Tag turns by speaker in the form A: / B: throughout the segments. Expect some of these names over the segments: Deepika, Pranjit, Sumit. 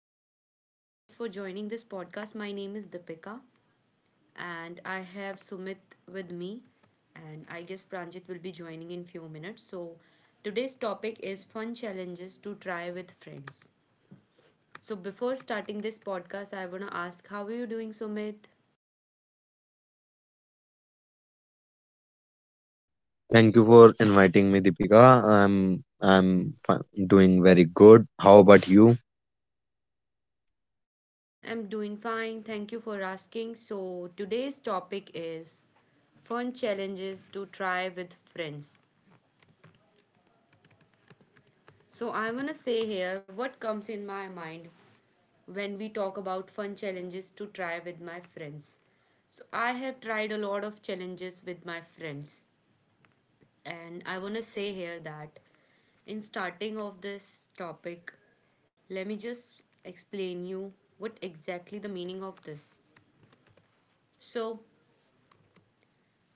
A: Thank you so much, guys, for joining this podcast. My name is Deepika, and I have Sumit with me, and I guess Pranjit will be joining in few minutes. So, today's topic is fun challenges to try with friends. So, before starting this podcast, I wanna ask, how are you doing, Sumit?
B: Thank you for inviting me, Deepika. I'm doing very good. How about you?
A: I'm doing fine. Thank you for asking. So, today's topic is fun challenges to try with friends. So I want to say here what comes in my mind when we talk about fun challenges to try with my friends. So, I have tried a lot of challenges with my friends, and I want to say here that in starting of this topic, let me just explain you what exactly the meaning of this. So,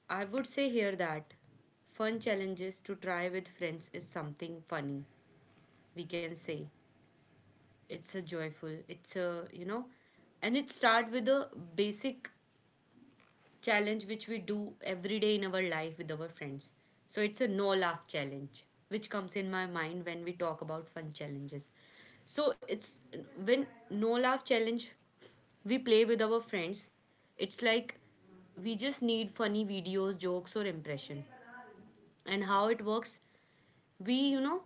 A: I would say here that fun challenges to try with friends is something funny. We can say it's a joyful, it's a, you know, and it start with a basic challenge which we do every day in our life with our friends. So it's a no laugh challenge, which comes in my mind when we talk about fun challenges. So it's when no laugh challenge we play with our friends, it's like we just need funny videos, jokes, or impression. And how it works we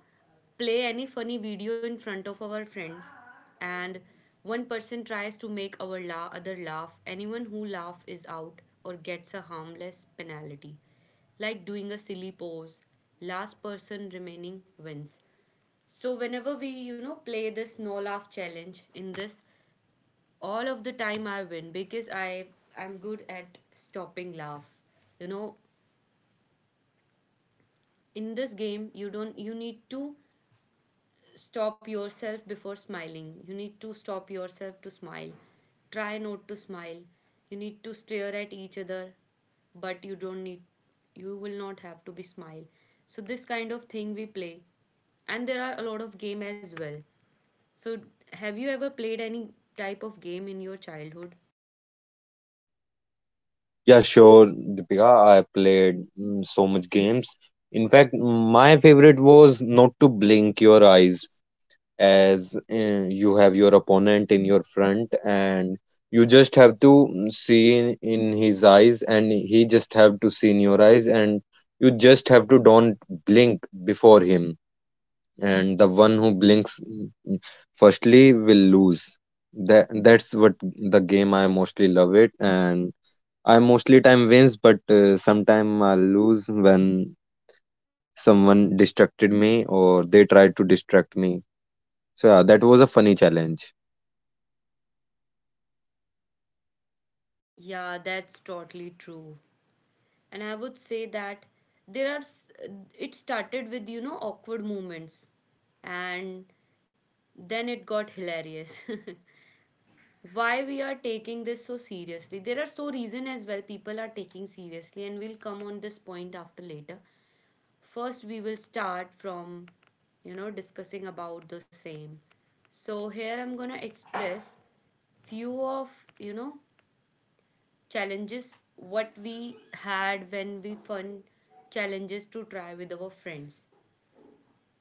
A: play any funny video in front of our friends, and one person tries to make other laugh anyone who laughs is out or gets a harmless penalty like doing a silly pose last person remaining wins so whenever we play this no laugh challenge in this all of the time I win because I'm good at stopping laugh you know in this game you don't you need to stop yourself before smiling. You need to stop yourself to smile. Try not to smile. You need to stare at each other, but you don't need you will not have to be smile. So this kind of thing we play. And there are a lot of game as well. So have you ever played any type of game in your childhood?
B: Yeah, sure, Deepika. I played so much games. In fact, my favorite was not to blink your eyes as you have your opponent in your front, and you just have to see in his eyes, and he just have to see in your eyes, and you just have to don't blink before him. And the one who blinks firstly will lose. That's what the game I mostly love it, and I mostly time wins, but sometime I lose when someone distracted me or they tried to distract me. So yeah, that was a funny challenge.
A: Yeah, that's totally true. And I would say that there are s- it started with awkward moments and then it got hilarious. Why we are taking this so seriously? There are so reason as well people are taking seriously and we'll come on this point after later. First we will start from discussing about the same. So here I'm going to express few of you know challenges what we had when we fun challenges to try with our friends.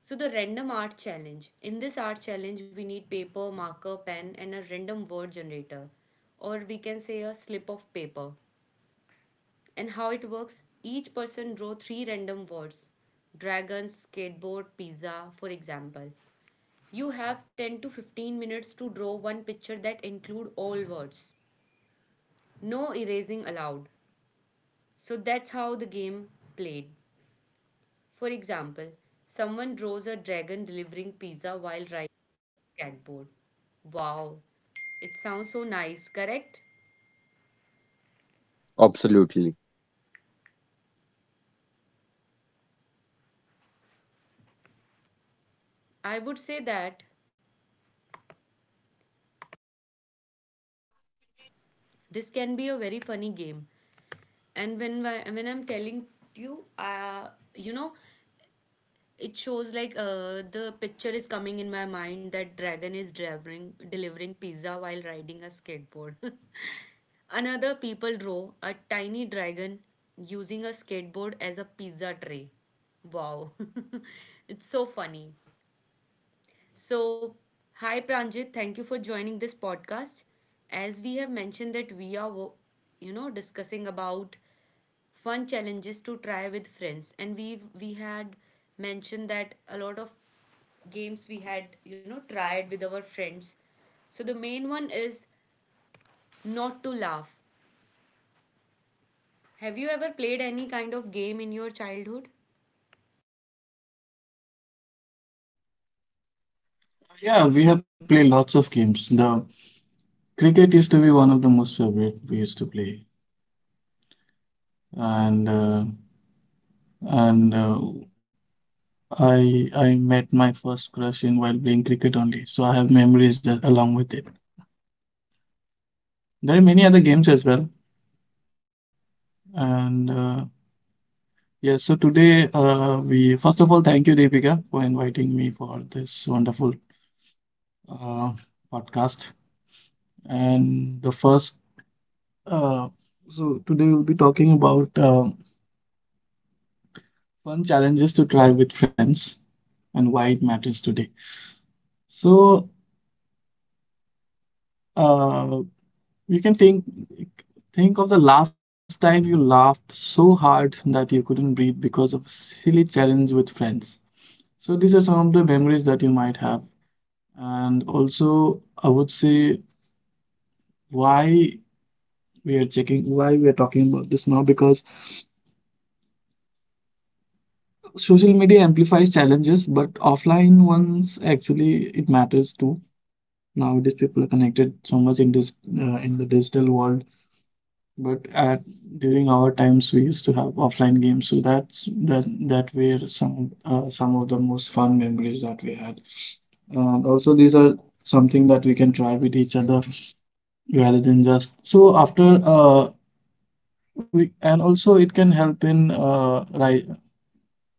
A: So, the random art challenge. In this art challenge, we need paper, marker, pen, and a random word generator, or we can say a slip of paper. And how it works each person draw three random words dragon, skateboard, pizza, for example. You have 10 to 15 minutes to draw one picture that include all words. No erasing allowed. So that's how the game played. For example, someone draws a dragon delivering pizza while riding a skateboard. Wow, it sounds so nice, correct?
B: Absolutely.
A: I would say that this can be a very funny game. And when I'm telling you, you know, it shows like the picture is coming in my mind that dragon is delivering pizza while riding a skateboard. Another people draw a tiny dragon using a skateboard as a pizza tray. Wow, it's so funny. So, hi Pranjit, thank you for joining this podcast. As we have mentioned that you know, discussing about fun challenges to try with friends, and we had mentioned that a lot of games we had, you know, tried with our friends. So the main one is not to laugh. Have you ever played any kind of game in your childhood?
C: Yeah, we have played lots of games. The cricket used to be one of the most favorite we used to play, and uh, and I met my first crush in while playing cricket only. So I have memories along with it. There are many other games as well, and yeah. So today, we first of all thank you, Deepika, for inviting me for this wonderful uh, podcast. And the first, uh, so today we'll be talking about fun challenges to try with friends, and why it matters today. So uh, you can think of the last time you laughed so hard that you couldn't breathe because of silly challenge with friends. So these are some of the memories that you might have. And also, I would say, why we are checking, why we are talking about this now, because social media amplifies challenges, but offline ones actually it matters too. Nowadays, people are connected so much in this in the digital world. But at during our times, we used to have offline games, so that were some of the most fun memories that we had. And also, these are something that we can try with each other rather than just. So after we and also it can help in right,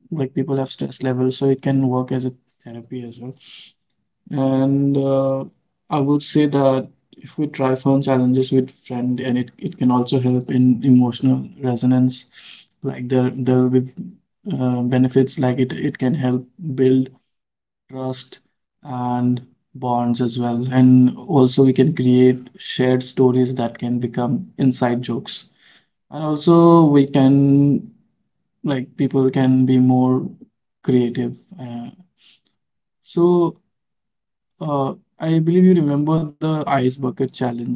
C: like people have stress levels, so it can work as a therapy as well. And I would say that if we try fun challenges with friend, and it can also help in emotional resonance. Like there will be benefits. Like it can help build trust and bonds as well. And also we can create shared stories that can become inside jokes. And also we can, like, people can be more creative. So I believe you remember the ice bucket challenge.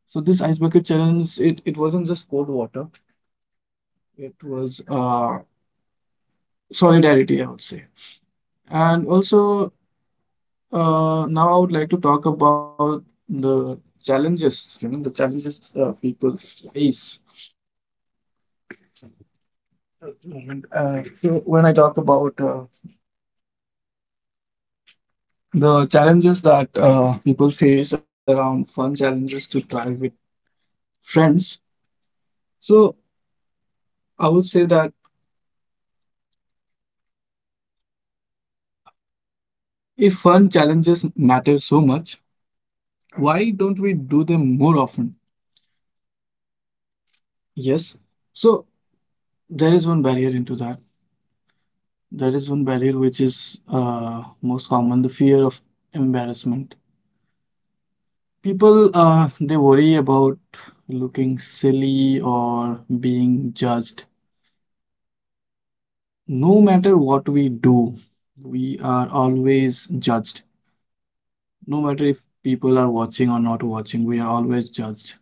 C: So this ice bucket challenge, it wasn't just cold water, it was solidarity, I would say. And also, now I would like to talk about the challenges, you know, the challenges people face at the moment. So when I talk about the challenges that people face around fun challenges to try with friends, so I would say that if fun challenges matter so much, why don't we do them more often? Yes. So there is one barrier into that. There is one barrier which is most common, the fear of embarrassment. People, they worry about looking silly or being judged. No matter what we do, we are always judged. No matter if people are watching or not watching, we are always judged.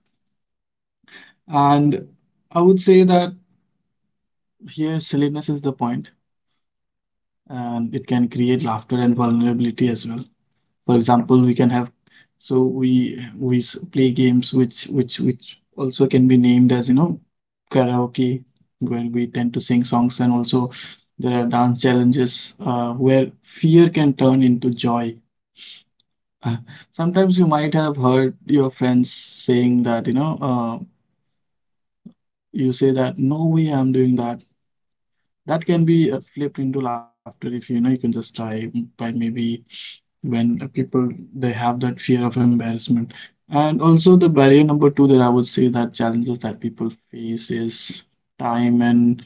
C: And I would say that here silliness is the point, and it can create laughter and vulnerability as well. For example, we can have, so we play games, which which also can be named as, you know, karaoke, where we tend to sing songs. And also there are dance challenges where fear can turn into joy. Uh, Sometimes you might have heard your friends saying that, you know, you say that no way I'm doing that. That can be flipped into laughter if, you know, you can just try. By maybe, when people, they have that fear of embarrassment. And also the barrier number 2 that I would say that challenges that people face is time and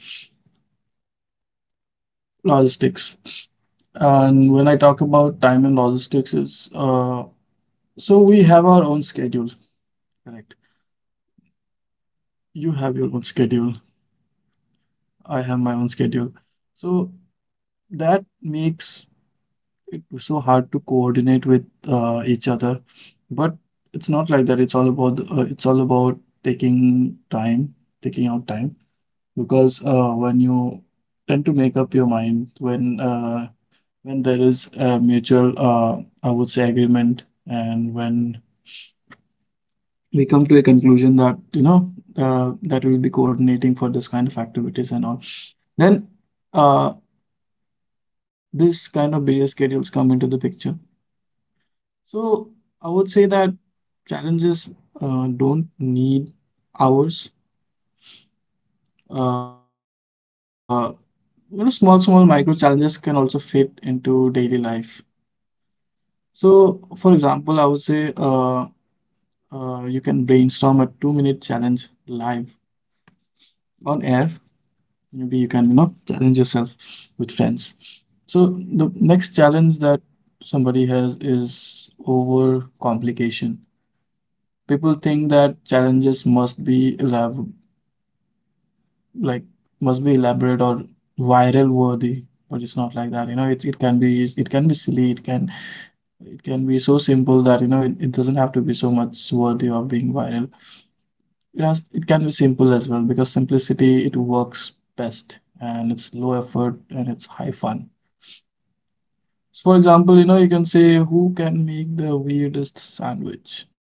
C: logistics. And when I talk about time and logistics, is so we have our own schedule, correct? You have your own schedule, I have my own schedule, so that makes. It was so hard to coordinate with each other, but it's not like that. It's all about taking time, taking out time, because, when you tend to make up your mind, when there is a mutual, I would say, agreement, and when we come to a conclusion that, you know, that we'll be coordinating for this kind of activities and all, then uh, this kind of busy schedules come into the picture. So I would say that challenges don't need hours. Uh, you know, small micro challenges can also fit into daily life. So, for example, I would say, you can brainstorm a 2-minute challenge live on air. Maybe you can, you know, challenge yourself with friends. So the next challenge that somebody has is over complication. People think that challenges must be elab like must be elaborate or viral worthy, but it's not like that. You know, it, it can be silly, it can be so simple that you know, it doesn't have to be so much worthy of being viral. It has, it can be simple as well, because simplicity, it works best, and it's low effort and it's high fun. So, for example, you know, you can say, who can make the weirdest sandwich?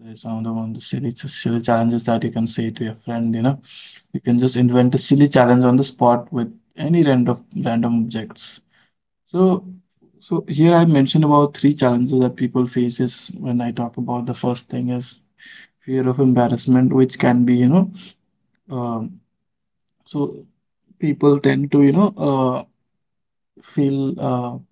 C: There's some of the one, the silly challenges that you can say to your friend, you know. You can just invent a silly challenge on the spot with any random objects. So, so here I mentioned about three challenges that people faces. When I talk about, the first thing is fear of embarrassment, which can be, you know, um, so people tend to, you know, feel,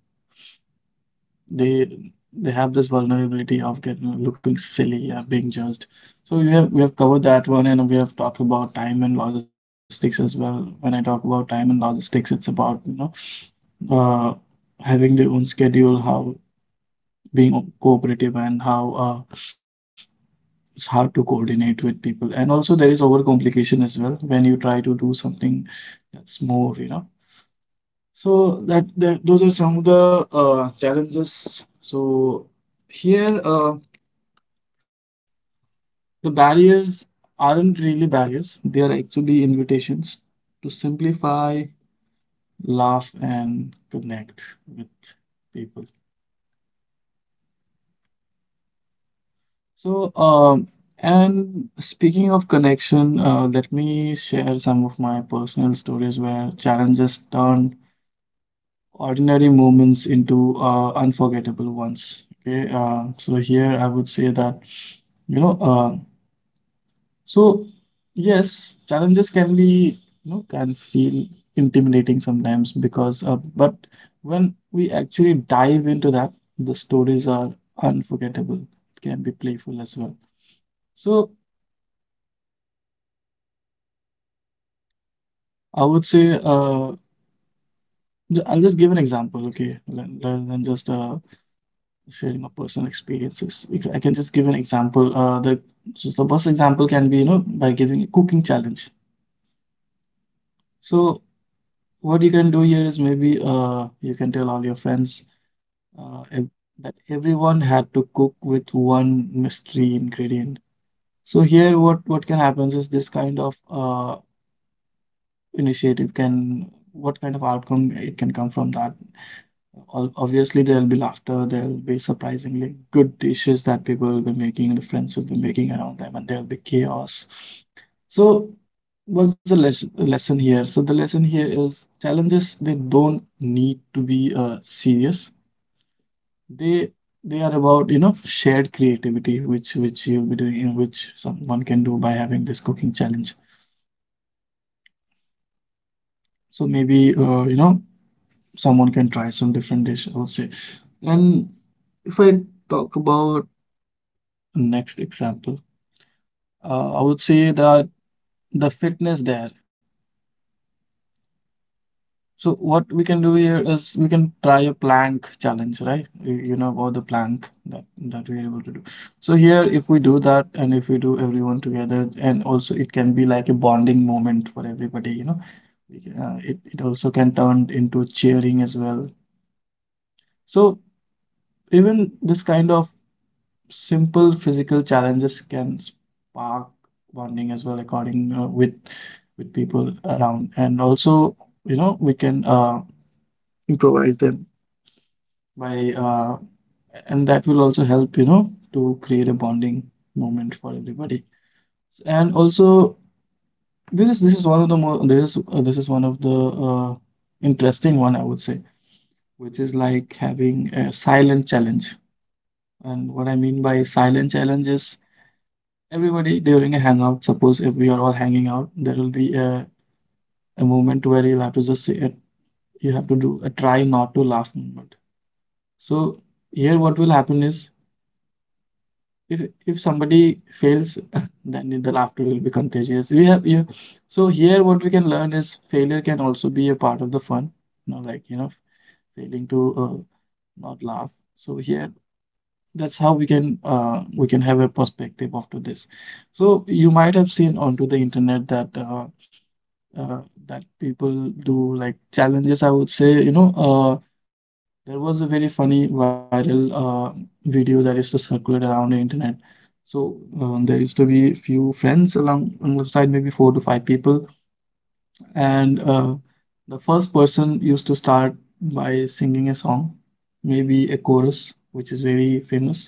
C: they, have this vulnerability of getting looking silly, yeah, being judged. So we have covered that one, and we have talked about time and logistics as well. When I talk about time and logistics, it's about, you know, uh, having their own schedule, how being cooperative, and how, uh, it's hard to coordinate with people. And also there is overcomplication as well when you try to do something that's more, you know. So that those are some of the challenges. So here, the barriers aren't really barriers. They are actually invitations to simplify, laugh, and connect with people. So, and speaking of connection, let me share some of my personal stories where challenges turned ordinary moments into unforgettable ones. Okay, so here I would say that, you know, so yes, challenges can be, you know, can feel intimidating sometimes because, but when we actually dive into that, the stories are unforgettable. It can be playful as well. So, I would say, I'll just give an example, okay, rather than just sharing of personal experiences. I can just give an example. The so the best example can be, you know, by giving a cooking challenge. So what you can do here is, maybe you can tell all your friends ev that everyone had to cook with one mystery ingredient. So here, what can happen is this kind of initiative can, what kind of outcome it can come from that. Obviously, there'll be laughter, there'll be surprisingly good dishes that people will be making, the friends will be making around them, and there'll be chaos. So, what's the lesson here? So, the lesson here is, challenges, they don't need to be serious. They they are about, you know, shared creativity, which you'll be doing, which someone can do by having this cooking challenge. So maybe, you know, someone can try some different dish, I would say. And if I talk about next example. I would say that the fitness there. So what we can do here is, we can try a plank challenge, right? You know about the plank that we're able to do. So here, if we do that, and if we do everyone together, and also it can be like a bonding moment for everybody. You know, it also can turn into cheering as well. So even this kind of simple physical challenges can spark bonding as well, according, with people around, and also, you know, we can, improvise them by, and that will also help, you know, to create a bonding moment for everybody. And also, this is one of the more, this is one of the uh, interesting one, I would say, which is like having a silent challenge. And what I mean by silent challenge is, everybody during a hangout, suppose if we are all hanging out, there will be a moment where you'll have to just say it. You have to do a try not to laugh moment. So here, what will happen is, if if somebody fails, then the laughter will be contagious. We have you, so here what we can learn is, failure can also be a part of the fun. You know, like you know, failing to not laugh. So here, that's how we can have a perspective after this. So you might have seen onto the internet that uh, that people do like challenges, I would say, there was a very funny viral video that used to circulate around the internet. So there used to be few friends along alongside maybe four to five people, and the first person used to start by singing a song, maybe a chorus which is very famous,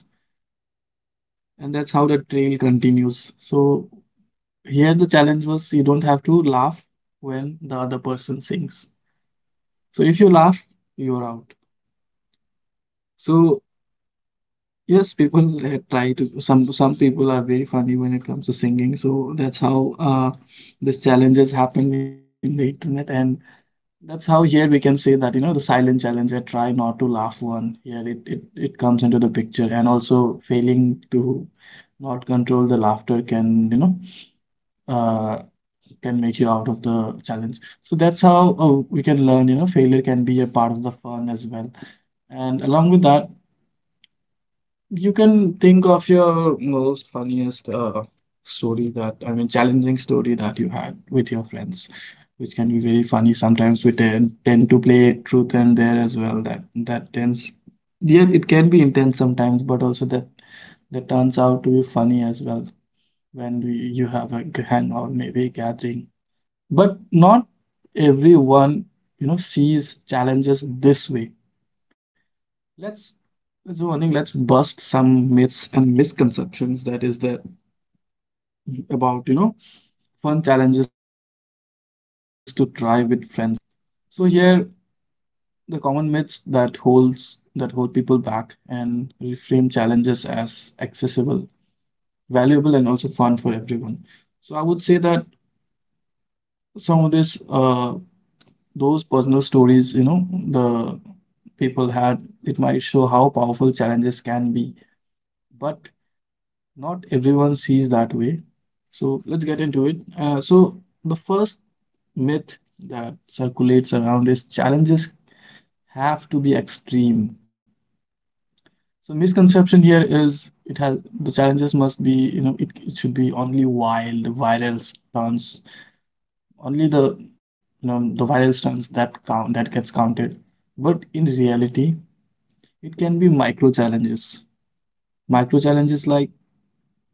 C: and that's how the trail continues. So here the challenge was you don't have to laugh when the other person sings. So if you laugh, you're out. So yes, people try to some people are very funny when it comes to singing. So that's how this challenges happen in the internet, and that's how here we can say that, you know, the silent challenge, I try not to laugh one, here it comes into the picture, and also failing to not control the laughter can, uh, can make you out of the challenge. So that's how we can learn. You know, failure can be a part of the fun as well. And along with that, you can think of your most funniest story that, I mean, challenging story that you had with your friends, which can be very funny. Sometimes we tend to play truth and dare as well. That tends, yeah, it can be intense sometimes, but also that turns out to be funny as well when you have a hang or maybe a gathering. But not everyone, you know, sees challenges this way. Let's So I think let's bust some myths and misconceptions that is there about, you know, fun challenges to try with friends. So here the common myths that hold people back and reframe challenges as accessible, valuable and also fun for everyone. So I would say that some of this those personal stories, you know, the people had, it might show how powerful challenges can be. But not everyone sees that way. So let's get into it. So the first myth that circulates around is challenges have to be extreme. So misconception here is it has the challenges must be, you know, it should be only wild, viral stunts, only the, you know, the viral stunts that count that gets counted. But in reality, it can be micro challenges. Micro challenges like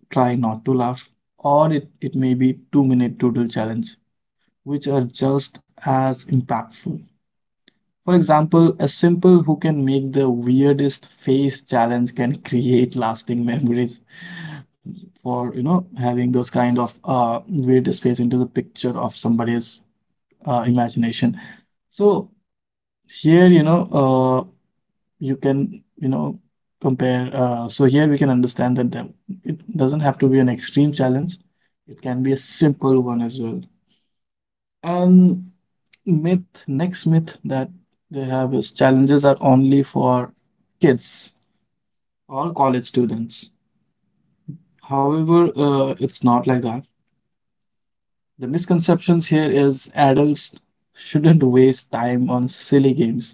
C: Try Not to Laugh, or it may be 2 Minute Doodle Challenge, which are just as impactful. For example, a simple who can make the weirdest face challenge can create lasting memories for, you know, having those kind of weirdest face into the picture of somebody's imagination. So here, you can, compare. So here we can understand that it doesn't have to be an extreme challenge. It can be a simple one as well. And myth, next myth that they have is challenges are only for kids or college students. However, it's not like that. The misconceptions here is adults shouldn't waste time on silly games.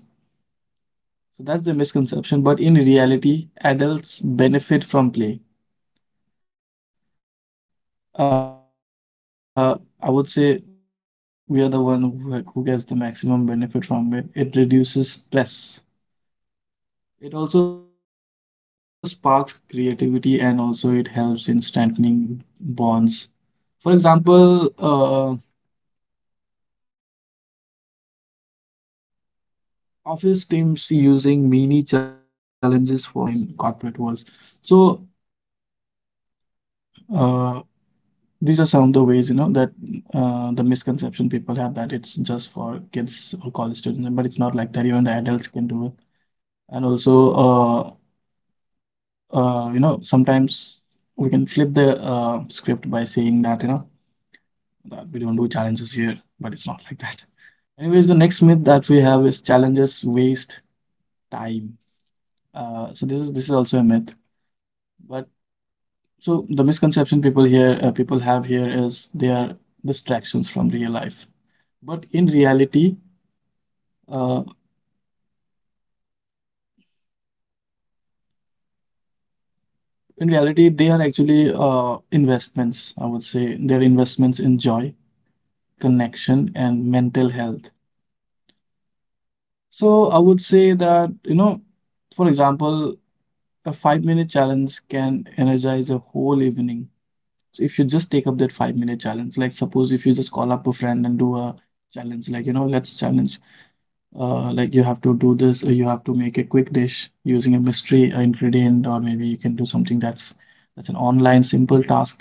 C: So that's the misconception. But in reality, adults benefit from play. I would say we are the one who gets the maximum benefit from it. It reduces stress. It also sparks creativity and also it helps in strengthening bonds. For example, office teams using mini challenges for morale. I would say there are fun activities that happen in corporate worlds. So uh, these are some of the ways, you know, that the misconception people have that it's just for kids or college students, but it's not like that. Even the adults can do it. And also, you know, sometimes we can flip the script by saying that, you know, that we don't do challenges here, but it's not like that. Anyways, the next myth that we have is challenges waste time. So this is also a myth. But so the misconception people have here is they are distractions from real life. But uh, in reality, they are actually investments, I would say. They're investments in joy connection and mental health. So I would say that, you know, for example, a 5 minute challenge can energize a whole evening. So if you just take up that 5 minute challenge, like, suppose if you just call up a friend and do a challenge, like, you know, let's challenge, like you have to do this, or you have to make a quick dish using a mystery ingredient, or maybe you can do something that's an online simple task.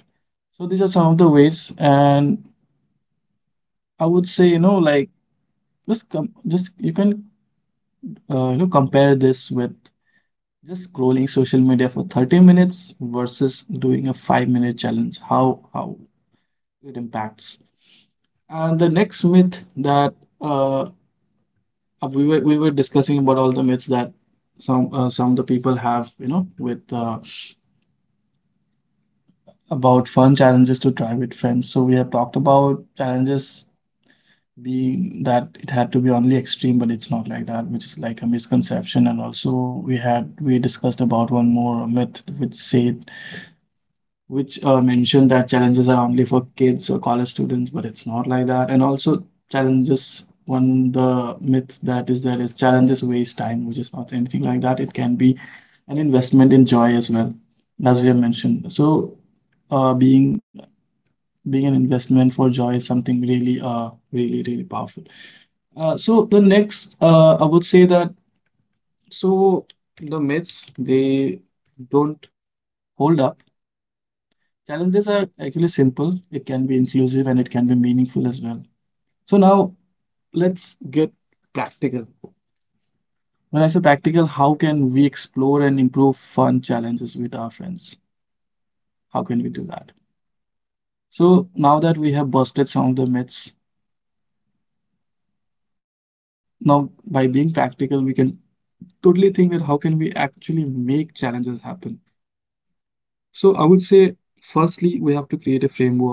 C: So these are some of the ways, and I would say, you know, like just you can you know, compare this with just scrolling social media for 30 minutes versus doing a 5 minute challenge, how it impacts. And the next myth that uh, we were discussing about all the myths that some of the people have, you know, with about fun challenges to try with friends. So we have talked about challenges being that it had to be only extreme, but it's not like that, which is like a misconception. And also we discussed about one more myth which said which mentioned that challenges are only for kids or college students, but it's not like that. And also, challenges one the myth that is there is challenges waste time, which is not anything like that. It can be an investment in joy as well, as we have mentioned. So, uh, being being an investment for joy is something really, really powerful. So the next, I would say that so the myths they don't hold up. Challenges are actually simple, it can be inclusive, and it can be meaningful as well. So now let's get practical. When I say practical, how can we explore and improve fun challenges with our friends? How can we do that? So now that we have busted some of the myths, now by being practical, we can totally think that how can we actually make challenges happen? So I would say, firstly, we have to create a framework.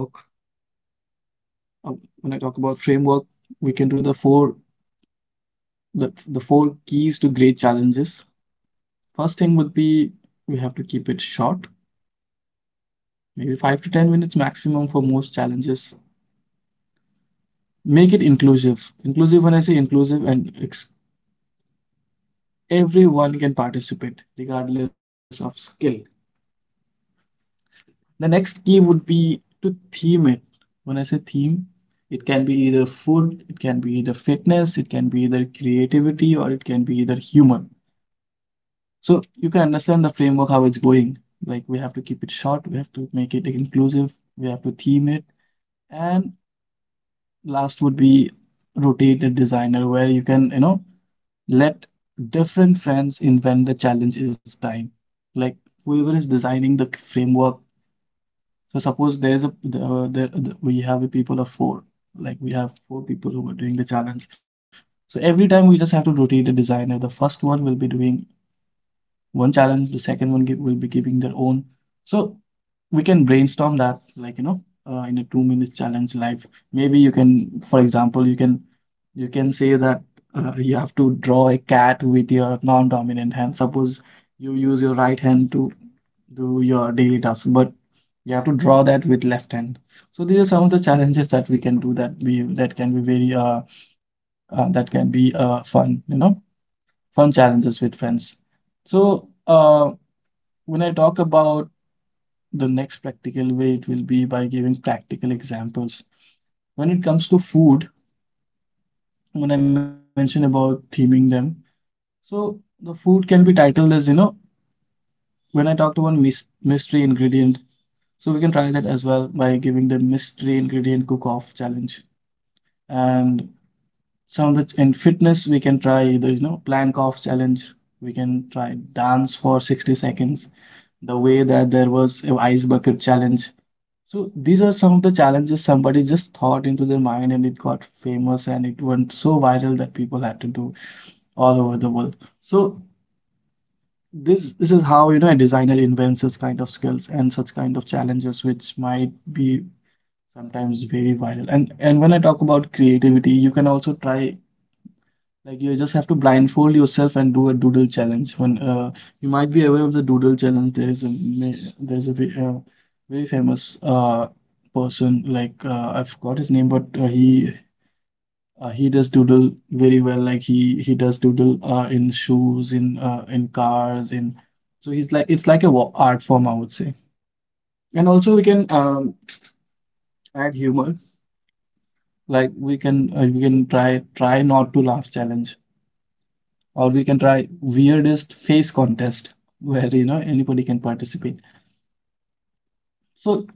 C: Uh, When I talk about framework, we can do the four keys to great challenges. First thing would be we have to keep it short, maybe 5 to 10 minutes maximum for most challenges. Make it inclusive. Inclusive when I say inclusive and ex everyone can participate regardless of skill. The next key would be to theme it. When I say theme, it can be either food, it can be either fitness, it can be either creativity, or it can be either humor. So you can understand the framework, how it's going. Like, we have to keep it short, we have to make it inclusive, we have to theme it. And last would be rotate the designer, where you can, you know, let different friends invent the challenge is time. Like, whoever is designing the framework. So suppose there's a we have a people of four. Like, we have four people who are doing the challenge. So every time we just have to rotate the designer. The first one will be doing one challenge, the second one will be giving their own. So we can brainstorm that, like, you know, in a 2 minutes challenge live, maybe you can, for example, you can say that you have to draw a cat with your non-dominant hand. Suppose you use your right hand to do your daily task, but you have to draw that with left hand. So these are some of the challenges that we can do that can be very that can be fun, you know, fun challenges with friends. So when I talk about the next practical way, it will be by giving practical examples. When it comes to food, when I mention about theming them, so the food can be titled as, you know, when I talked about mystery ingredient, so we can try that as well by giving the mystery ingredient cook-off challenge. And some which in fitness, we can try either, you know, plank off challenge. We can try dance for 60 seconds, the way that there was a ice bucket challenge. So these are some of the challenges somebody just thought into their mind and it got famous and it went so viral that people had to do all over the world. So this is how, you know, a designer invents this kind of skills and such kind of challenges which might be sometimes very viral. And when I talk about creativity, you can also try, like, you just have to blindfold yourself and do a doodle challenge. When You might be aware of the doodle challenge. There is a very famous person, like I forgot his name, but he does doodle very well. Like he does doodle in shoes, in cars, in, so he's like, it's like a art form, I would say. And also we can add humor. Like we can try not to laugh challenge, or we can try weirdest face contest, where you know anybody can participate. So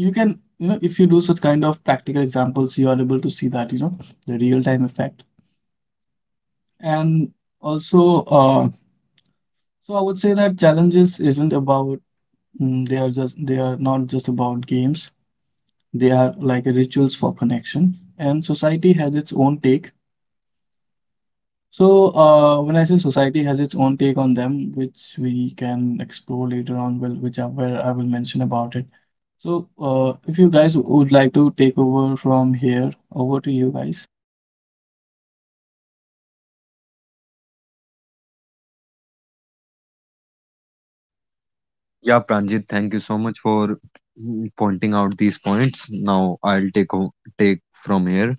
C: you can, you know, if you do such kind of practical examples, you are able to see, that you know, the real time effect. And also uh, so i would say that challenges isn't about, they are just, they are not just about games, they are like rituals for connection, and society has its own take. So, when I say society has its own take on them, which we can explore later on, well, which where I will mention about it. So, if you guys would like to take over from here, over to you guys.
B: Yeah, Pranjit, thank you so much for pointing out these points. Now I'll take from here.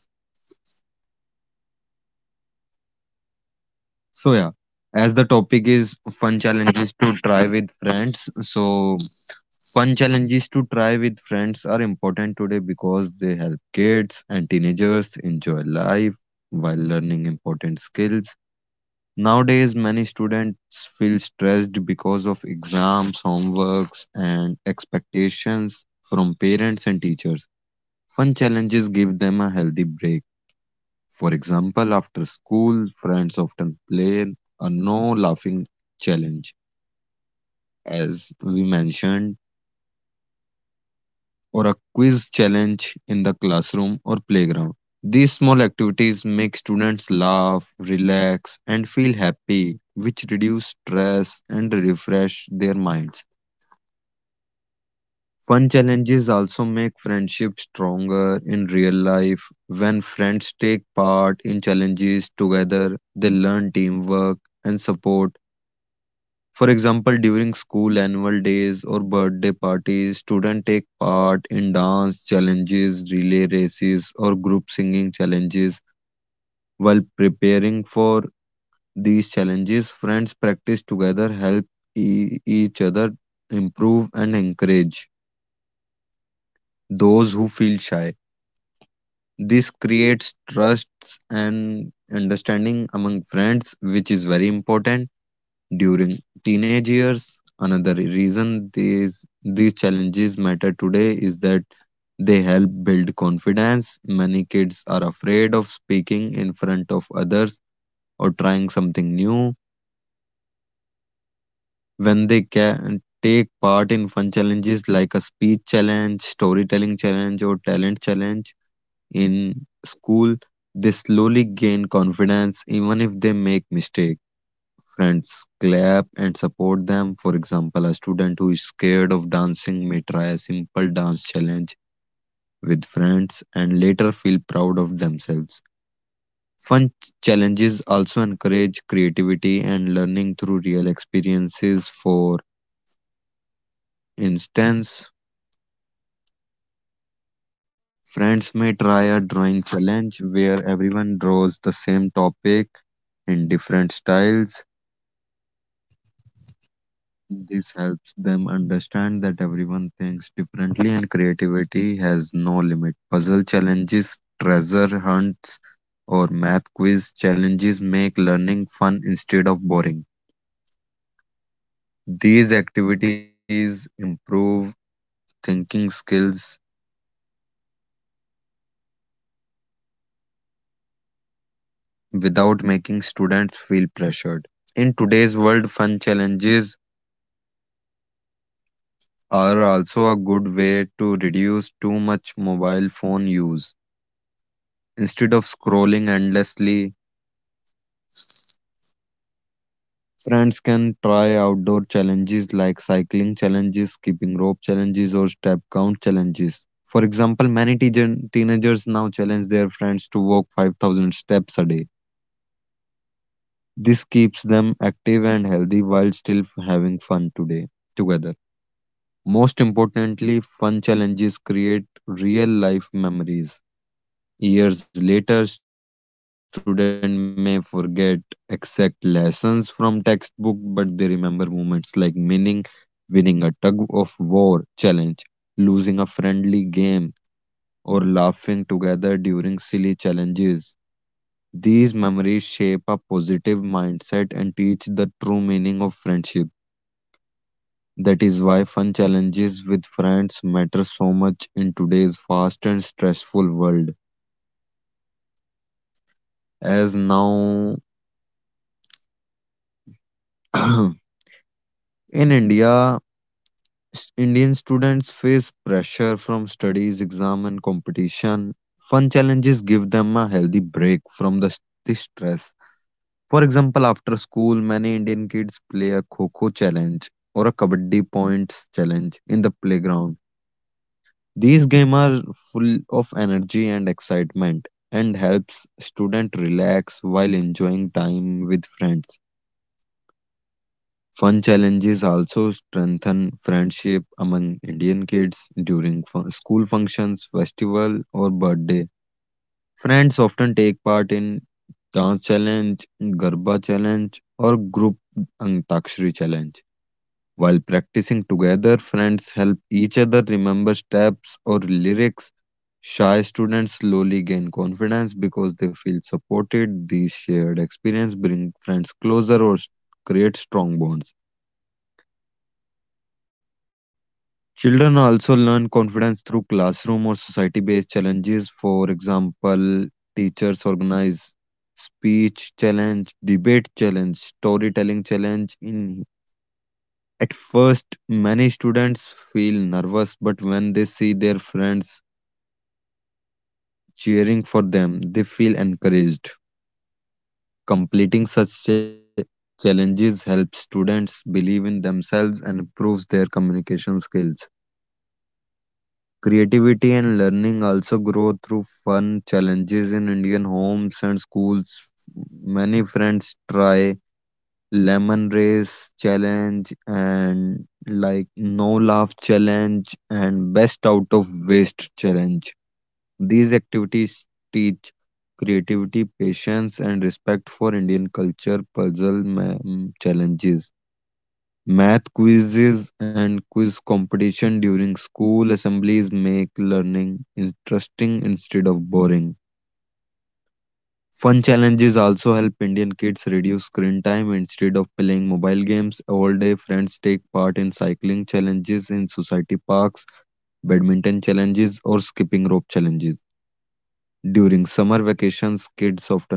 B: So yeah, as the topic is fun challenges to try with friends, so fun challenges to try with friends are important today because they help kids and teenagers enjoy life while learning important skills. Nowadays, many students feel stressed because of exams, homeworks, and expectations from parents and teachers. Fun challenges give them a healthy break. For example, after school, friends often play a no laughing challenge, as we mentioned, or a quiz challenge in the classroom or playground. These small activities make students laugh, relax, and feel happy, which reduce stress and refresh their minds. Fun challenges also make friendships stronger in real life. When friends take part in challenges together, they learn teamwork and support. For example, during school annual days or birthday parties, students take part in dance challenges, relay races, or group singing challenges. While preparing for these challenges, friends practice together, help each other improve, and encourage those who feel shy. This creates trust and understanding among friends, which is very important during teenage years. Another reason these challenges matter today is that they help build confidence. Many kids are afraid of speaking in front of others or trying something new. When they can take part in fun challenges like a speech challenge, storytelling challenge, or talent challenge in school, they slowly gain confidence even if they make mistakes. Friends clap and support them. For example, a student who is scared of dancing may try a simple dance challenge with friends and later feel proud of themselves. Fun challenges also encourage creativity and learning through real experiences. For instance, friends may try a drawing challenge where everyone draws the same topic in different styles. This helps them understand that everyone thinks differently and creativity has no limit. Puzzle challenges, treasure hunts, or math quiz challenges make learning fun instead of boring. These activities improve thinking skills without making students feel pressured. In today's world, fun challenges are also a good way to reduce too much mobile phone use. Instead of scrolling endlessly, friends can try outdoor challenges like cycling challenges, skipping rope challenges, or step count challenges. For example, many teenagers now challenge their friends to walk 5,000 steps a day. This keeps them active and healthy while still having fun today together. Most importantly, fun challenges create real life memories. Years later, students may forget exact lessons from textbook, but they remember moments like winning a tug of war challenge, losing a friendly game, or laughing together during silly challenges. These memories shape a positive mindset and teach the true meaning of friendship. That is why fun challenges with friends matter so much in today's fast and stressful world. As now in India, Indian students face pressure from studies, exam, and competition. Fun challenges give them a healthy break from the stress. For example, after school, many Indian kids play a kho challenge or a kabaddi points challenge in the playground. These games are full of energy and excitement and helps student relax while enjoying time with friends. Fun challenges also strengthen friendship among Indian kids during school functions, festival, or birthday. Friends often take part in dance challenge, garba challenge, or group antakshari challenge. While practicing together, friends help each other remember steps or lyrics. Shy students slowly gain confidence because they feel supported. These shared experience bring friends closer create strong bonds. Children also learn confidence through classroom or society based challenges. For example, teachers organize speech challenge, debate challenge, storytelling challenge. In at first, many students feel nervous, but when they see their friends cheering for them, they feel encouraged. Completing such challenges helps students believe in themselves and improves their communication skills. Creativity and learning also grow through fun challenges in Indian homes and schools. Many friends try lemon race challenge and like no laugh challenge and best out of waste challenge. These activities teach creativity, patience, and respect for Indian culture puzzle challenges. Math quizzes and quiz competition during school assemblies make learning interesting instead of boring. Fun challenges also help Indian kids reduce screen time instead of playing mobile games. All day friends take part in cycling challenges in society parks, badminton challenges, or skipping rope challenges. During summer vacations, kids often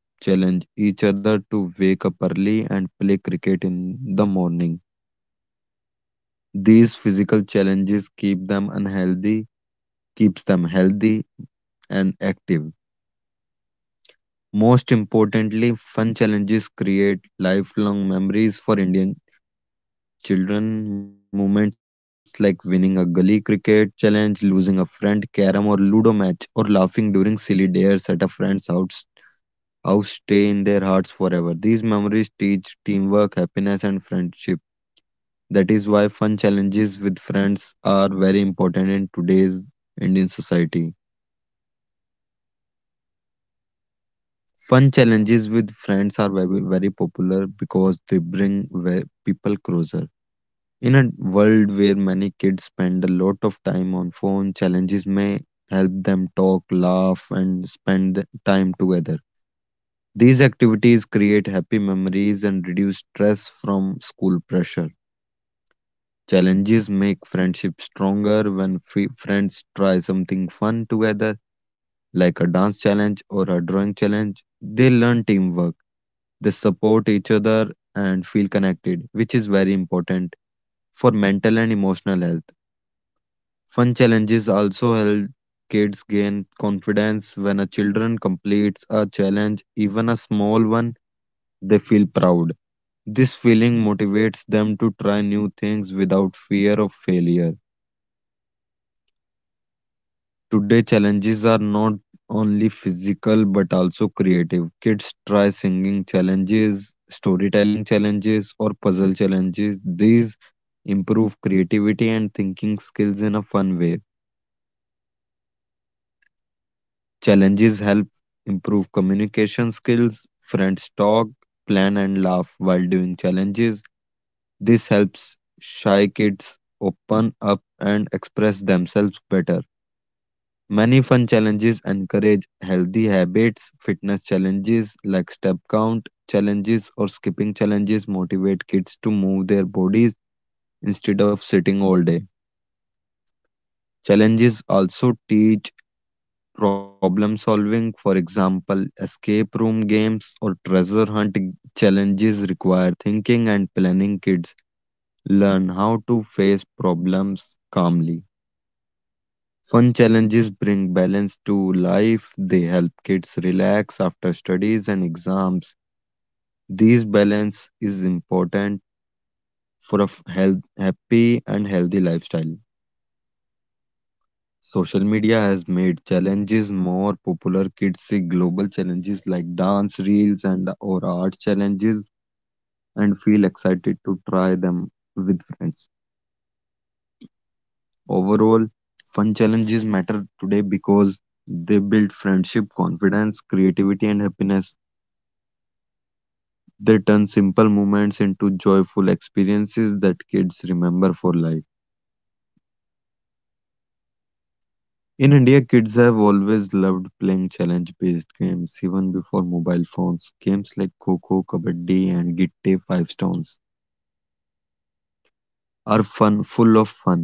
B: challenge each other to wake up early and play cricket in the morning. These physical challenges keep them unhealthy, keeps them healthy and active. Most importantly, fun challenges create lifelong memories for Indian children. Moments like winning a gully cricket challenge, losing a friend, carom or ludo match, or laughing during silly dares at a friend's house stay in their hearts forever. These memories teach teamwork, happiness, and friendship. That is why fun challenges with friends are very important in today's Indian society. Fun challenges with friends are very, very popular because they bring people closer. In a world where many kids spend a lot of time on phone, challenges may help them talk, laugh, and spend the time together. These activities create happy memories and reduce stress from school pressure. Challenges make friendship stronger when free friends try something fun together, like a dance challenge or a drawing challenge. They learn teamwork, they support each other, and feel connected, which is very important for mental and emotional health. Fun challenges also help kids gain confidence when a children completes a challenge, even a small one, they feel proud. This feeling motivates them to try new things without fear of failure. Today challenges are not only physical but also creative. Kids try singing challenges, storytelling challenges, or puzzle challenges. These improve creativity and thinking skills in a fun way. Challenges help improve communication skills, friends talk, plan, and laugh while doing challenges. This helps shy kids open up and express themselves better. Many fun challenges encourage healthy habits. Fitness challenges like step count challenges or skipping challenges motivate kids to move their bodies instead of sitting all day. Challenges also teach problem solving. For example, escape room games or treasure hunt challenges require thinking and planning. Kids learn how to face problems calmly. Fun challenges bring balance to life. They help kids relax after studies and exams. These balance is important for a health, happy and healthy lifestyle. Social media has made challenges more popular. Kids see global challenges like dance reels and or art challenges and feel excited to try them with friends. Overall, fun challenges matter today because they build friendship, confidence, creativity and happiness. They turn simple moments into joyful experiences that kids remember for life. In India, kids have always loved playing challenge based games, even before mobile phones. Games like Coco, Kabaddi, and Gitte Five Stones are fun, full of fun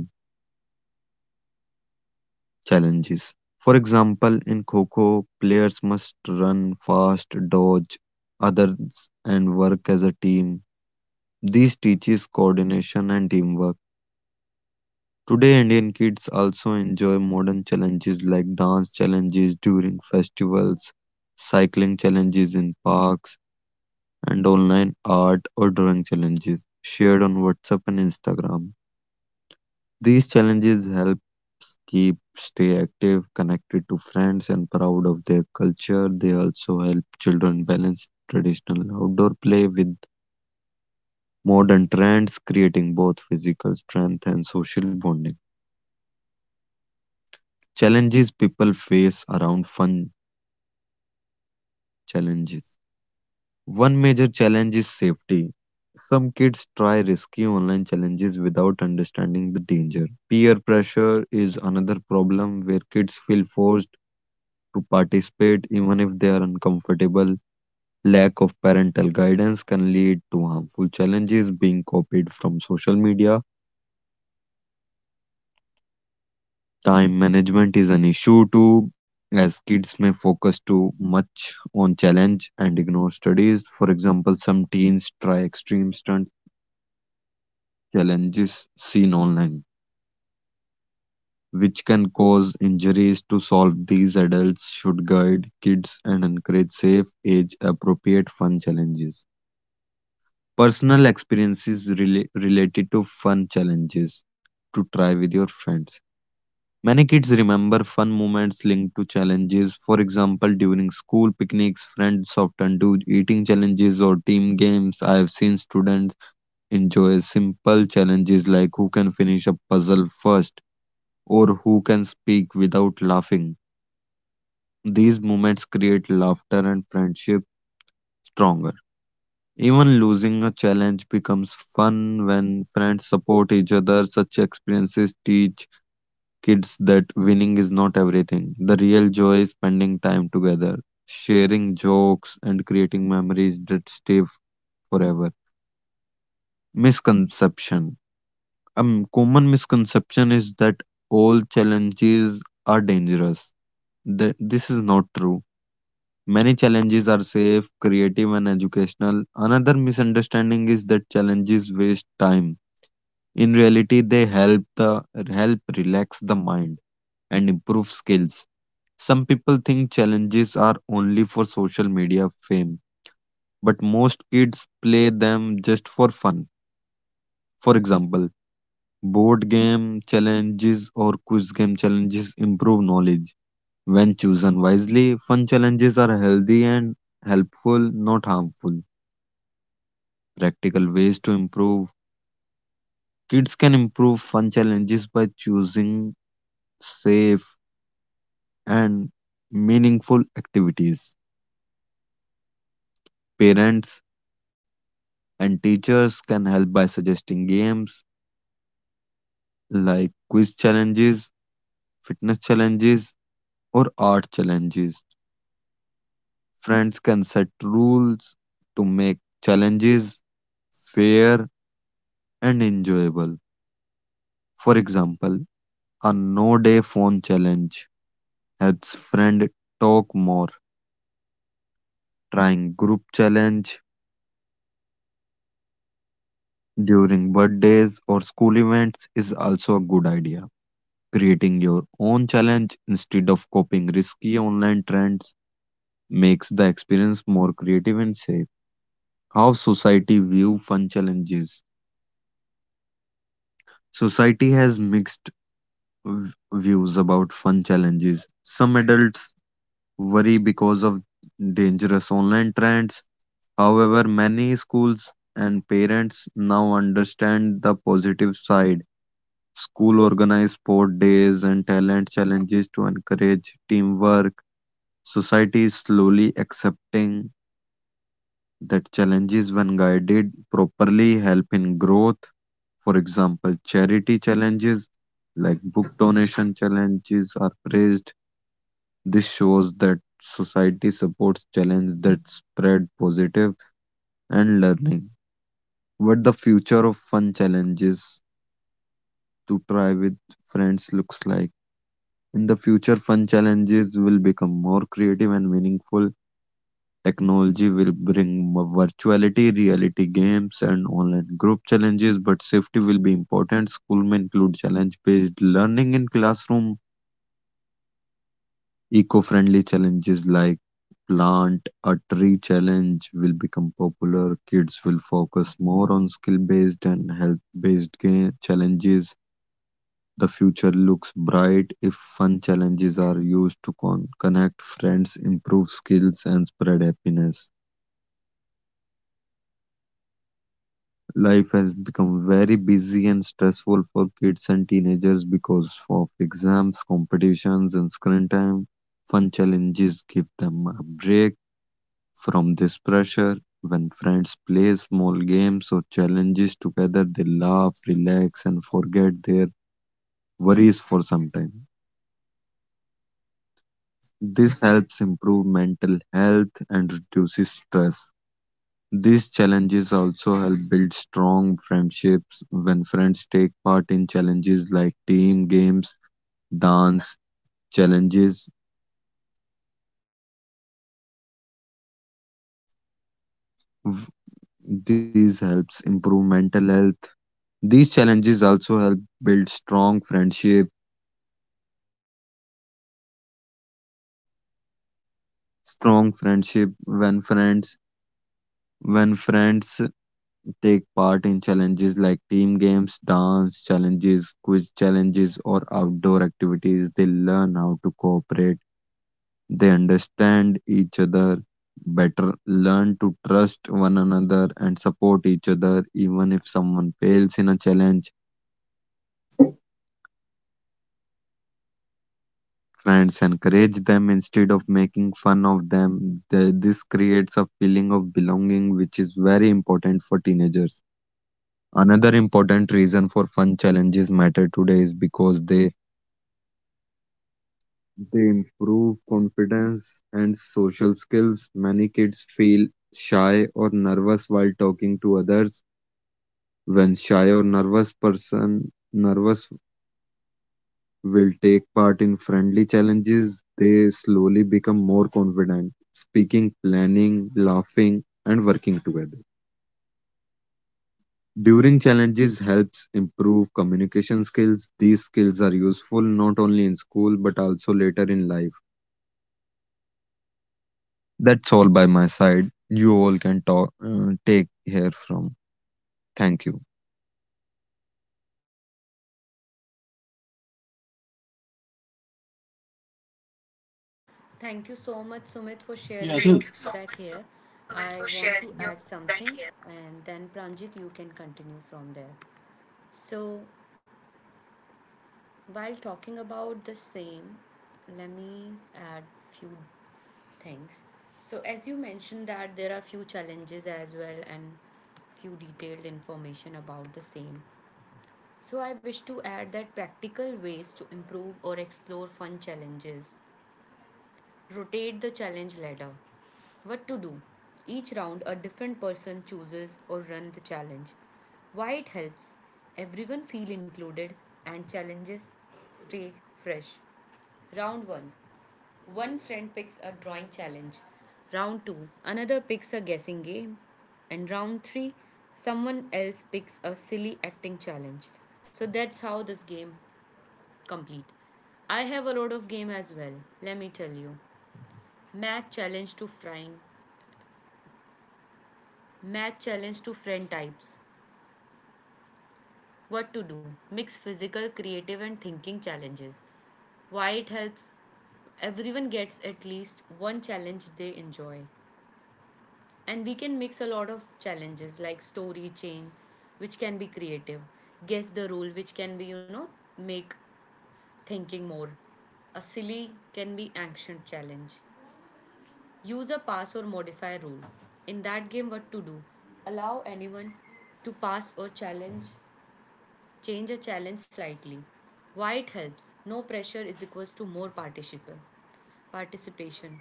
B: challenges. For example, in Coco, players must run fast, dodge others, and work as a team. This teaches coordination and teamwork. Today, Indian kids also enjoy modern challenges like dance challenges during festivals, cycling challenges in parks, and online art or drawing challenges shared on WhatsApp and Instagram. These challenges help keep stay active, connected to friends, and proud of their culture. They also help children balance traditional outdoor play with modern trends, creating both physical strength and social bonding challenges people face around fun challenges. One major challenge is safety. Some kids try risky online challenges without understanding the danger. Peer pressure is another problem where kids feel forced to participate even if they are uncomfortable. Lack of parental guidance can lead to harmful challenges being copied from social media. Time management is an issue too, as kids may focus too much on challenge and ignore studies. For example, some teens try extreme stunts challenges seen online, which can cause injuries. To solve these, adults should guide kids and encourage safe, age appropriate fun challenges. Personal experiences related to fun challenges to try with your friends. Many kids remember fun moments linked to challenges. For example, during school picnics, friends often do eating challenges or team games. I have seen students enjoy simple challenges like who can finish a puzzle first or who can speak without laughing. These moments create laughter and friendship stronger. Even losing a challenge becomes fun when friends support each other. Such experiences teach kids that winning is not everything. The real joy is spending time together, sharing jokes, and creating memories that stay forever. Misconception. A common misconception is that all challenges are dangerous. This is not true. Many challenges are safe, creative, and educational. Another misunderstanding is that challenges waste time. In reality, they help relax the mind and improve skills. Some people think challenges are only for social media fame, but most kids play them just for fun. For example, board game challenges or quiz game challenges improve knowledge. When chosen wisely, fun challenges are healthy and helpful, not harmful. Practical ways to improve. Kids can improve fun challenges by choosing safe and meaningful activities. Parents and teachers can help by suggesting games like quiz challenges, fitness challenges, or art challenges. Friends can set rules to make challenges fair and enjoyable. For example, a no day phone challenge helps friend talk more. Trying group challenge during birthdays or school events is also a good idea. Creating your own challenge instead of copying risky online trends makes the experience more creative and safe. How society view fun challenges. Society has mixed views about fun challenges. Some adults worry because of dangerous online trends. However, many schools and parents now understand the positive side. School organize sport days and talent challenges to encourage teamwork. Society is slowly accepting that challenges, when guided properly, help in growth. For example, charity challenges like book donation challenges are praised. This shows that society supports challenges that spread positive and learning. What the future of fun challenges to try with friends looks like. In the future, fun challenges will become more creative and meaningful. Technology will bring virtuality, reality games, and online group challenges, but safety will be important. School may include challenge based learning in classroom. Eco friendly challenges like plant a tree challenge will become popular. Kids will focus more on skill based and health based challenges. The future looks bright if fun challenges are used to connect friends, improve skills, and spread happiness. Life has become very busy and stressful for kids and teenagers because of exams, competitions, and screen time. Fun challenges give them a break from this pressure. When friends play small games or challenges together, they laugh, relax, and forget their worries for some time. This helps improve mental health and reduces stress. These challenges also help build strong friendships when friends take part in challenges like team games, dance challenges. v- These helps improve mental health. These challenges also help build strong friendship. Strong friendship when friends when friends take part in challenges like team games, dance challenges, quiz challenges, or outdoor activities. They learn how to cooperate. They understand each other better, learn to trust one another, and support each other even if someone fails in a challenge. Friends encourage them instead of making fun of them. This creates a feeling of belonging, which is very important for teenagers. Another important reason for fun challenges matter today is because they improve confidence and social skills. Many kids feel shy or nervous while talking to others. When shy or nervous will take part in friendly challenges, they slowly become more confident, speaking, planning, laughing, and working together. During challenges helps improve communication skills. These skills are useful not only in school but also later in life. That's all by my side. You all can talk, take here from. Thank you.
A: Thank you so much, Sumit, for
C: Yeah, so
A: sharing your feedback here. I want to add something, and then Pranjit, you can continue from there. So, while talking about the same, let me add few things. So, as you mentioned that there are few challenges as well and few detailed information about the same. So, I wish to add that practical ways to improve or explore fun challenges. Rotate the challenge ladder. What to do? Each round, a different person chooses or run the challenge. Why it helps? Everyone feel included and challenges stay fresh. Round 1. One friend picks a drawing challenge. Round 2. Another picks a guessing game. And round 3. Someone else picks a silly acting challenge. So that's how this game complete. I have a lot of game as well, let me tell you. Math challenge to friend. Math challenge to friend types. What to do? Mix physical, creative, and thinking challenges. Why it helps? Everyone gets at least one challenge they enjoy. And we can mix a lot of challenges like story chain, which can be creative, guess the rule, which can be, you know, make thinking more. A silly can be action challenge. Use a pass or modify rule. In that game, what to do? Allow anyone to pass or challenge, change a challenge slightly. Why it helps? No pressure is equals to more participant participation.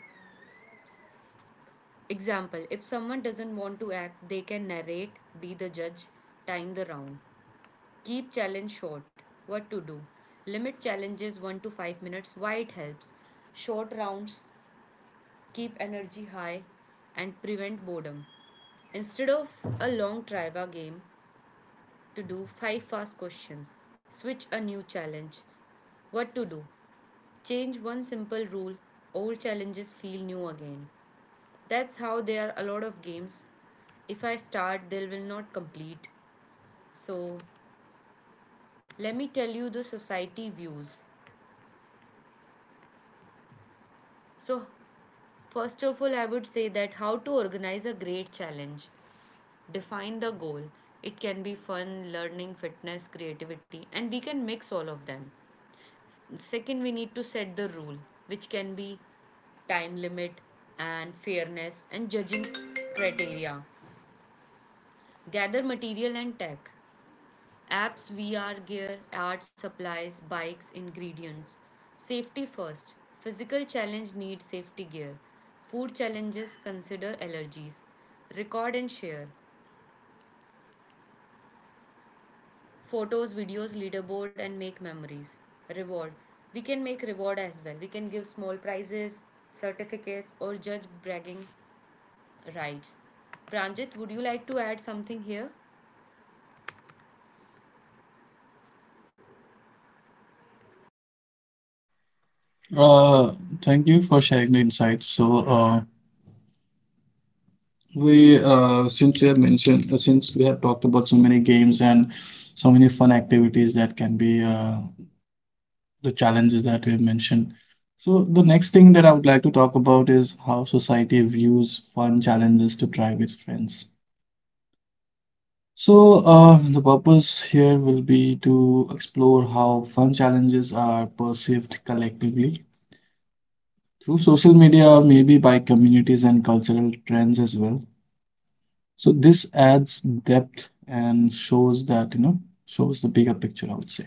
A: Example: if someone doesn't want to act, they can narrate, be the judge, time the round. Keep challenge short. What to do? Limit challenges 1 to 5 minutes. Why it helps? Short rounds keep energy high and prevent boredom. Instead of a long trivia game to do 5 fast questions, switch a new challenge. What to do? Change one simple rule. Old challenges feel new again. That's how there are a lot of games. If I start, they will not complete. So, let me tell you the society views. So, first of all, I would say that how to organize a great challenge. Define the goal. It can be fun, learning, fitness, creativity, and we can mix all of them. Second, we need to set the rule, which can be time limit and fairness and judging criteria. Gather material and tech. Apps, VR gear, art supplies, bikes, ingredients. Safety first. Physical challenge needs safety gear. Food challenges consider allergies. Record and share. Photos, videos, leaderboard, and make memories. Reward. We can make reward as well. We can give small prizes, certificates, or judge bragging rights. Pranjit, would you like to add something here?
C: uh, thank you for sharing the insights. So, we since we have mentioned, since we have talked about so many games and so many fun activities that can be, the challenges that we have mentioned. So the next thing that I would like to talk about is how society views fun challenges to try with friends. So the purpose here will be to explore how fun challenges are perceived collectively through social media, or maybe by communities and cultural trends as well. So this adds depth and shows that, you know, shows the bigger picture, I would say.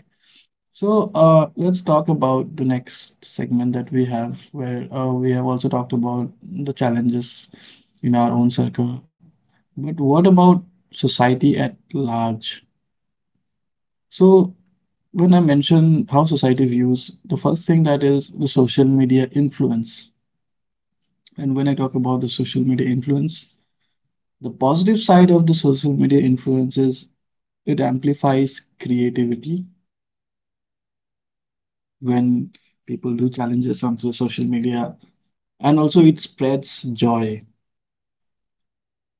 C: So let's talk about the next segment that we have, where we have also talked about the challenges in our own circle. But what about society at large? So when I mention how society views, the first thing that is the social media influence. And when I talk about the social media influence, the positive side of the social media influence is it amplifies creativity when people do challenges onto the social media. And also, it spreads joy,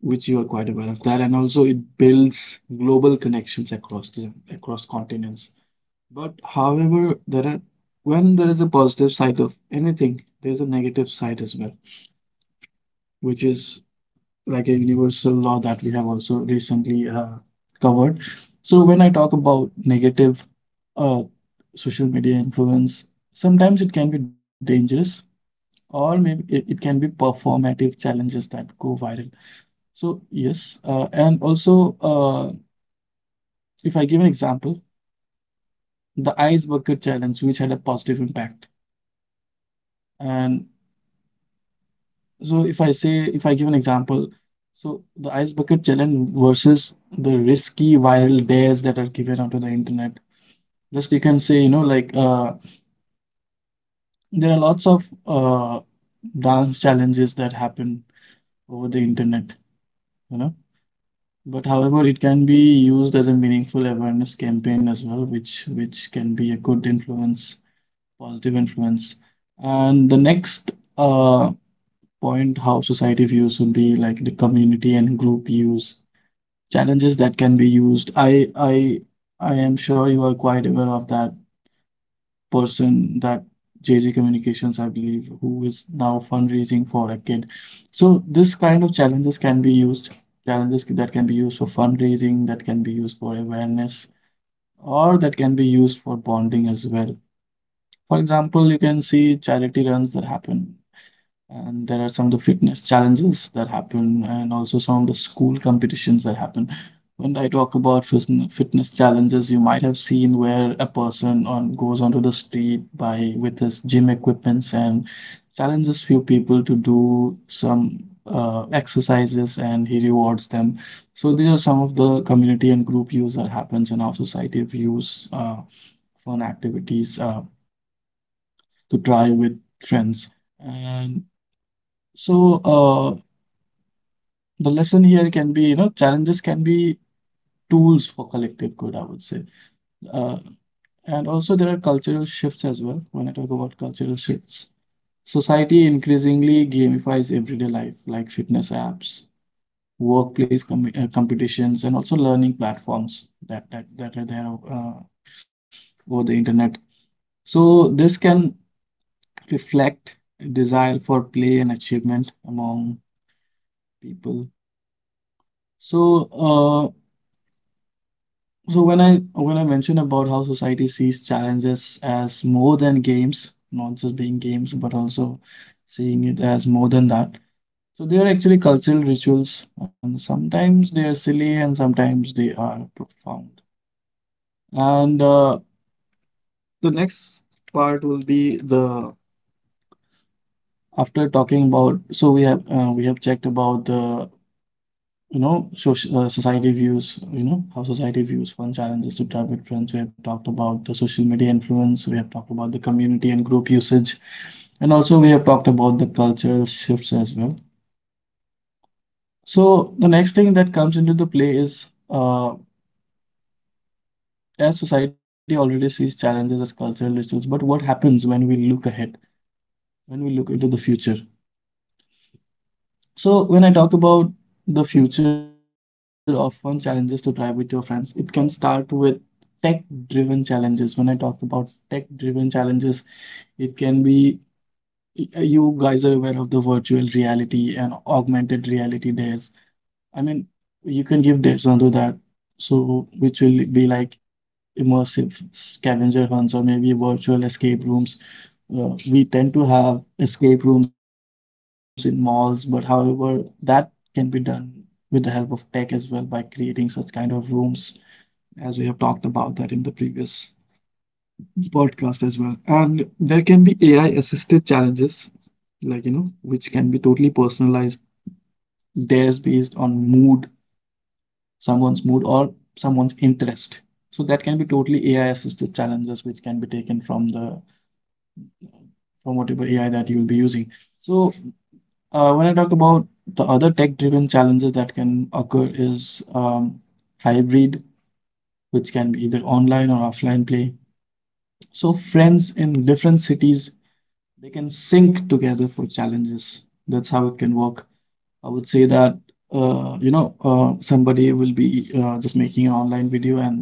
C: which you are quite aware of that. And also, it builds global connections across the across continents. But however, there are, when there is a positive side of anything, there is a negative side as well, which is like a universal law that we have also recently covered. So when I talk about negative uh, social media influence, sometimes it can be dangerous, or maybe it can be performative challenges that go viral. So yes, and also if I give an example, the ice bucket challenge, which had a positive impact. And so if I say, if I give an example, so the ice bucket challenge versus the risky viral dares that are given onto the internet. Just you can say, you know, like there are lots of dance challenges that happen over the internet, you know. But however, it can be used as a meaningful awareness campaign as well, which can be a good influence, positive influence. And the next uh, point, how society views would be like the community and group use challenges that can be used. I am sure you are quite aware of that person, that JZ Communications, I believe, who is now fundraising for a kid. So this kind of challenges can be used. Challenges that can be used for fundraising, that can be used for awareness, or that can be used for bonding as well. For example, you can see charity runs that happen. And there are some of the fitness challenges that happen, and also some of the school competitions that happen. When I talk about fitness challenges, you might have seen where a person on goes onto the street by with his gym equipments and challenges few people to do some exercises, and he rewards them. So these are some of the community and group use that happens in our society. We use fun activities to try with friends, and so the lesson here can be, you know, challenges can be tools for collective good, I would say. Uh, and also, there are cultural shifts as well. When I talk about cultural shifts, society increasingly gamifies everyday life, like fitness apps, workplace competitions, and also learning platforms that are there over the internet. So this can reflect a desire for play and achievement among people. So, So when I mentioned about how society sees challenges as more than games, not just being games, but also seeing it as more than that. So they are actually cultural rituals, and sometimes they are silly, and sometimes they are profound. And the next part will be the after talking about. So we have checked about the, you know, society views, you know, how society views one challenges to private friends. We have talked about the social media influence, we have talked about the community and group usage, and also we have talked about the cultural shifts as well. So the next thing that comes into the play is, as society already sees challenges as cultural issues, but what happens when we look ahead, when we look into the future? So when I talk about the future of fun challenges to try with your friends, it can start with tech-driven challenges. When I talk about tech-driven challenges, it can be, you guys are aware of the virtual reality and augmented reality dares. I mean, you can give dares onto that. So which will be like immersive scavenger hunts, or maybe virtual escape rooms. Yeah, we tend to have escape rooms in malls, but however, that can be done with the help of tech as well by creating such kind of rooms, as we have talked about that in the previous podcast as well. And there can be AI assisted challenges, like, you know, which can be totally personalized, theirs based on mood, someone's mood, or someone's interest. So that can be totally AI assisted challenges which can be taken from the, from whatever AI that you'll be using. So when I talk about the other tech-driven challenges that can occur is hybrid, which can be either online or offline play. So friends in different cities, they can sync together for challenges. That's how it can work. I would say that somebody will be just making an online video and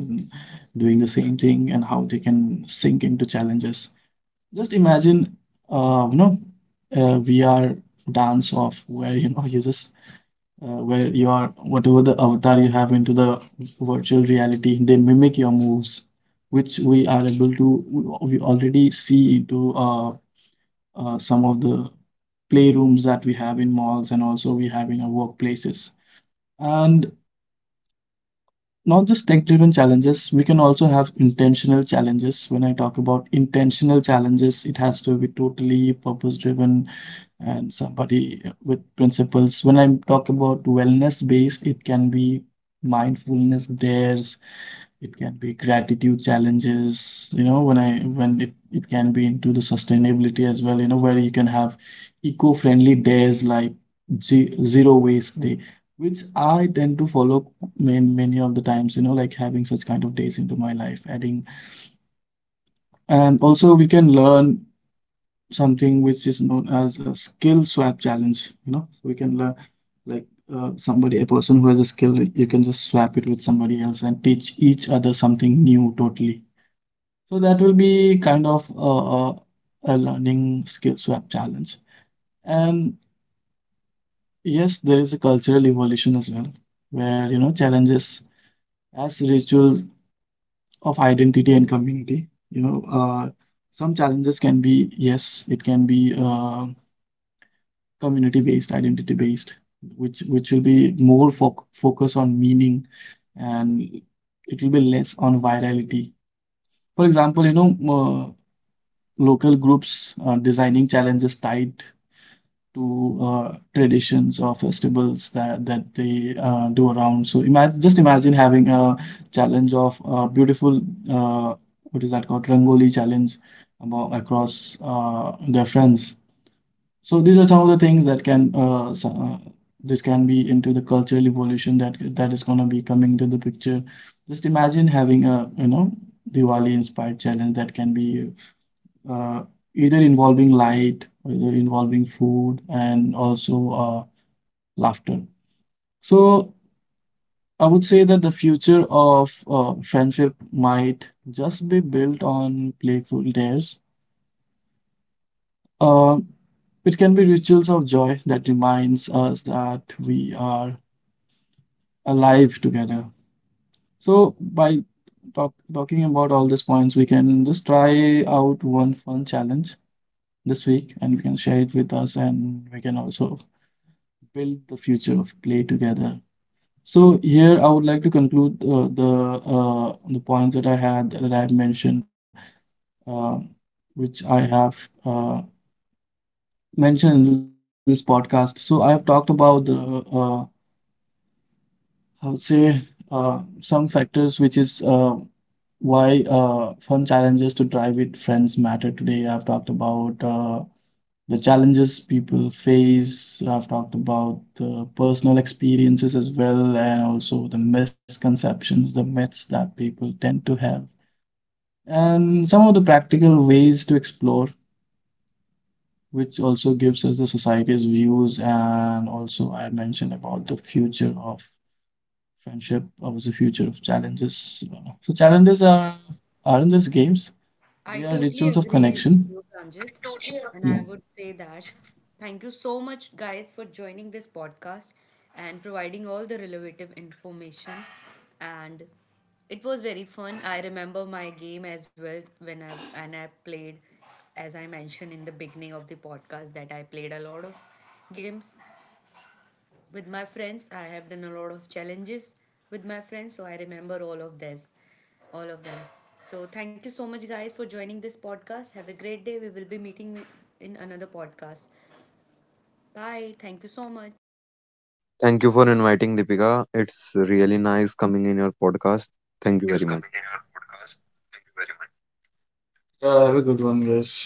C: doing the same thing, and how they can sync into challenges. Just imagine you know, a VR dance off where, you know, you just where you are, whatever the avatar you have into the virtual reality, they mimic your moves, which we are able to, we already see into some of the playrooms that we have in malls, and also we have in our workplaces. And not just tech driven challenges, we can also have intentional challenges. When I talk about intentional challenges, it has to be totally purpose driven and somebody with principles. When I talk about wellness based, it can be mindfulness dares, it can be gratitude challenges. You know, when I when it can be into the sustainability as well, you know, where you can have eco-friendly days, like zero waste day, which I tend to follow many of the times, you know, like having such kind of days into my life, adding. And also we can learn something which is known as a skill swap challenge. You know, so we can learn, like, somebody a person who has a skill, you can just swap it with somebody else and teach each other something new totally. So that will be kind of a learning skill swap challenge. And yes, there is a cultural evolution as well, where, you know, challenges as rituals of identity and community, you know, some challenges can be, yes, it can be community based, identity based, which will be more focus on meaning, and it will be less on virality. For example, you know, uh, local groups designing challenges tied to traditions or festivals that they do around. So imagine, just imagine having a challenge of beautiful, uh, what is that called, rangoli challenge about across their friends. So these are some of the things that can uh, this can be into the cultural evolution that is going to be coming to the picture. Just imagine having a, you know, Diwali inspired challenge that can be, uh, either involving light, or either involving food, and also laughter. So I would say that the future of friendship might just be built on playful dares. Um, it can be rituals of joy that reminds us that we are alive together. So by talking about all these points, we can just try out one fun challenge this week, and we can share it with us, and we can also build the future of play together. So here I would like to conclude the points that I had that I have mentioned, uh, which I have uh, mentioned in this podcast. So I have talked about the, I would say, some factors, which is why fun challenges to drive with friends matter today. I've talked about the challenges people face. I've talked about the personal experiences as well, and also the misconceptions, the myths that people tend to have, and some of the practical ways to explore, which also gives us the society's views. And also, I mentioned about the future of friendship, or the future of challenges. So challenges are aren't just games. They are
A: I
C: rituals of
A: totally
C: connection.
A: agree with you, Pranjit.
C: Yeah.
A: And I would say that thank you so much, guys, for joining this podcast and providing all the relative information. And it was very fun. I remember my game as well when I played, as I mentioned in the beginning of the podcast, that I played a lot of games. With my friends, I have done a lot of challenges with my friends, so I remember all of this, all of them. So thank you so much, guys, for joining this podcast. Have a great day. We will be meeting in another podcast. Bye. Thank you so much.
B: Thank you for inviting Deepika. It's really nice coming in your podcast. Thank you very much.
C: Yeah, have a good one, guys.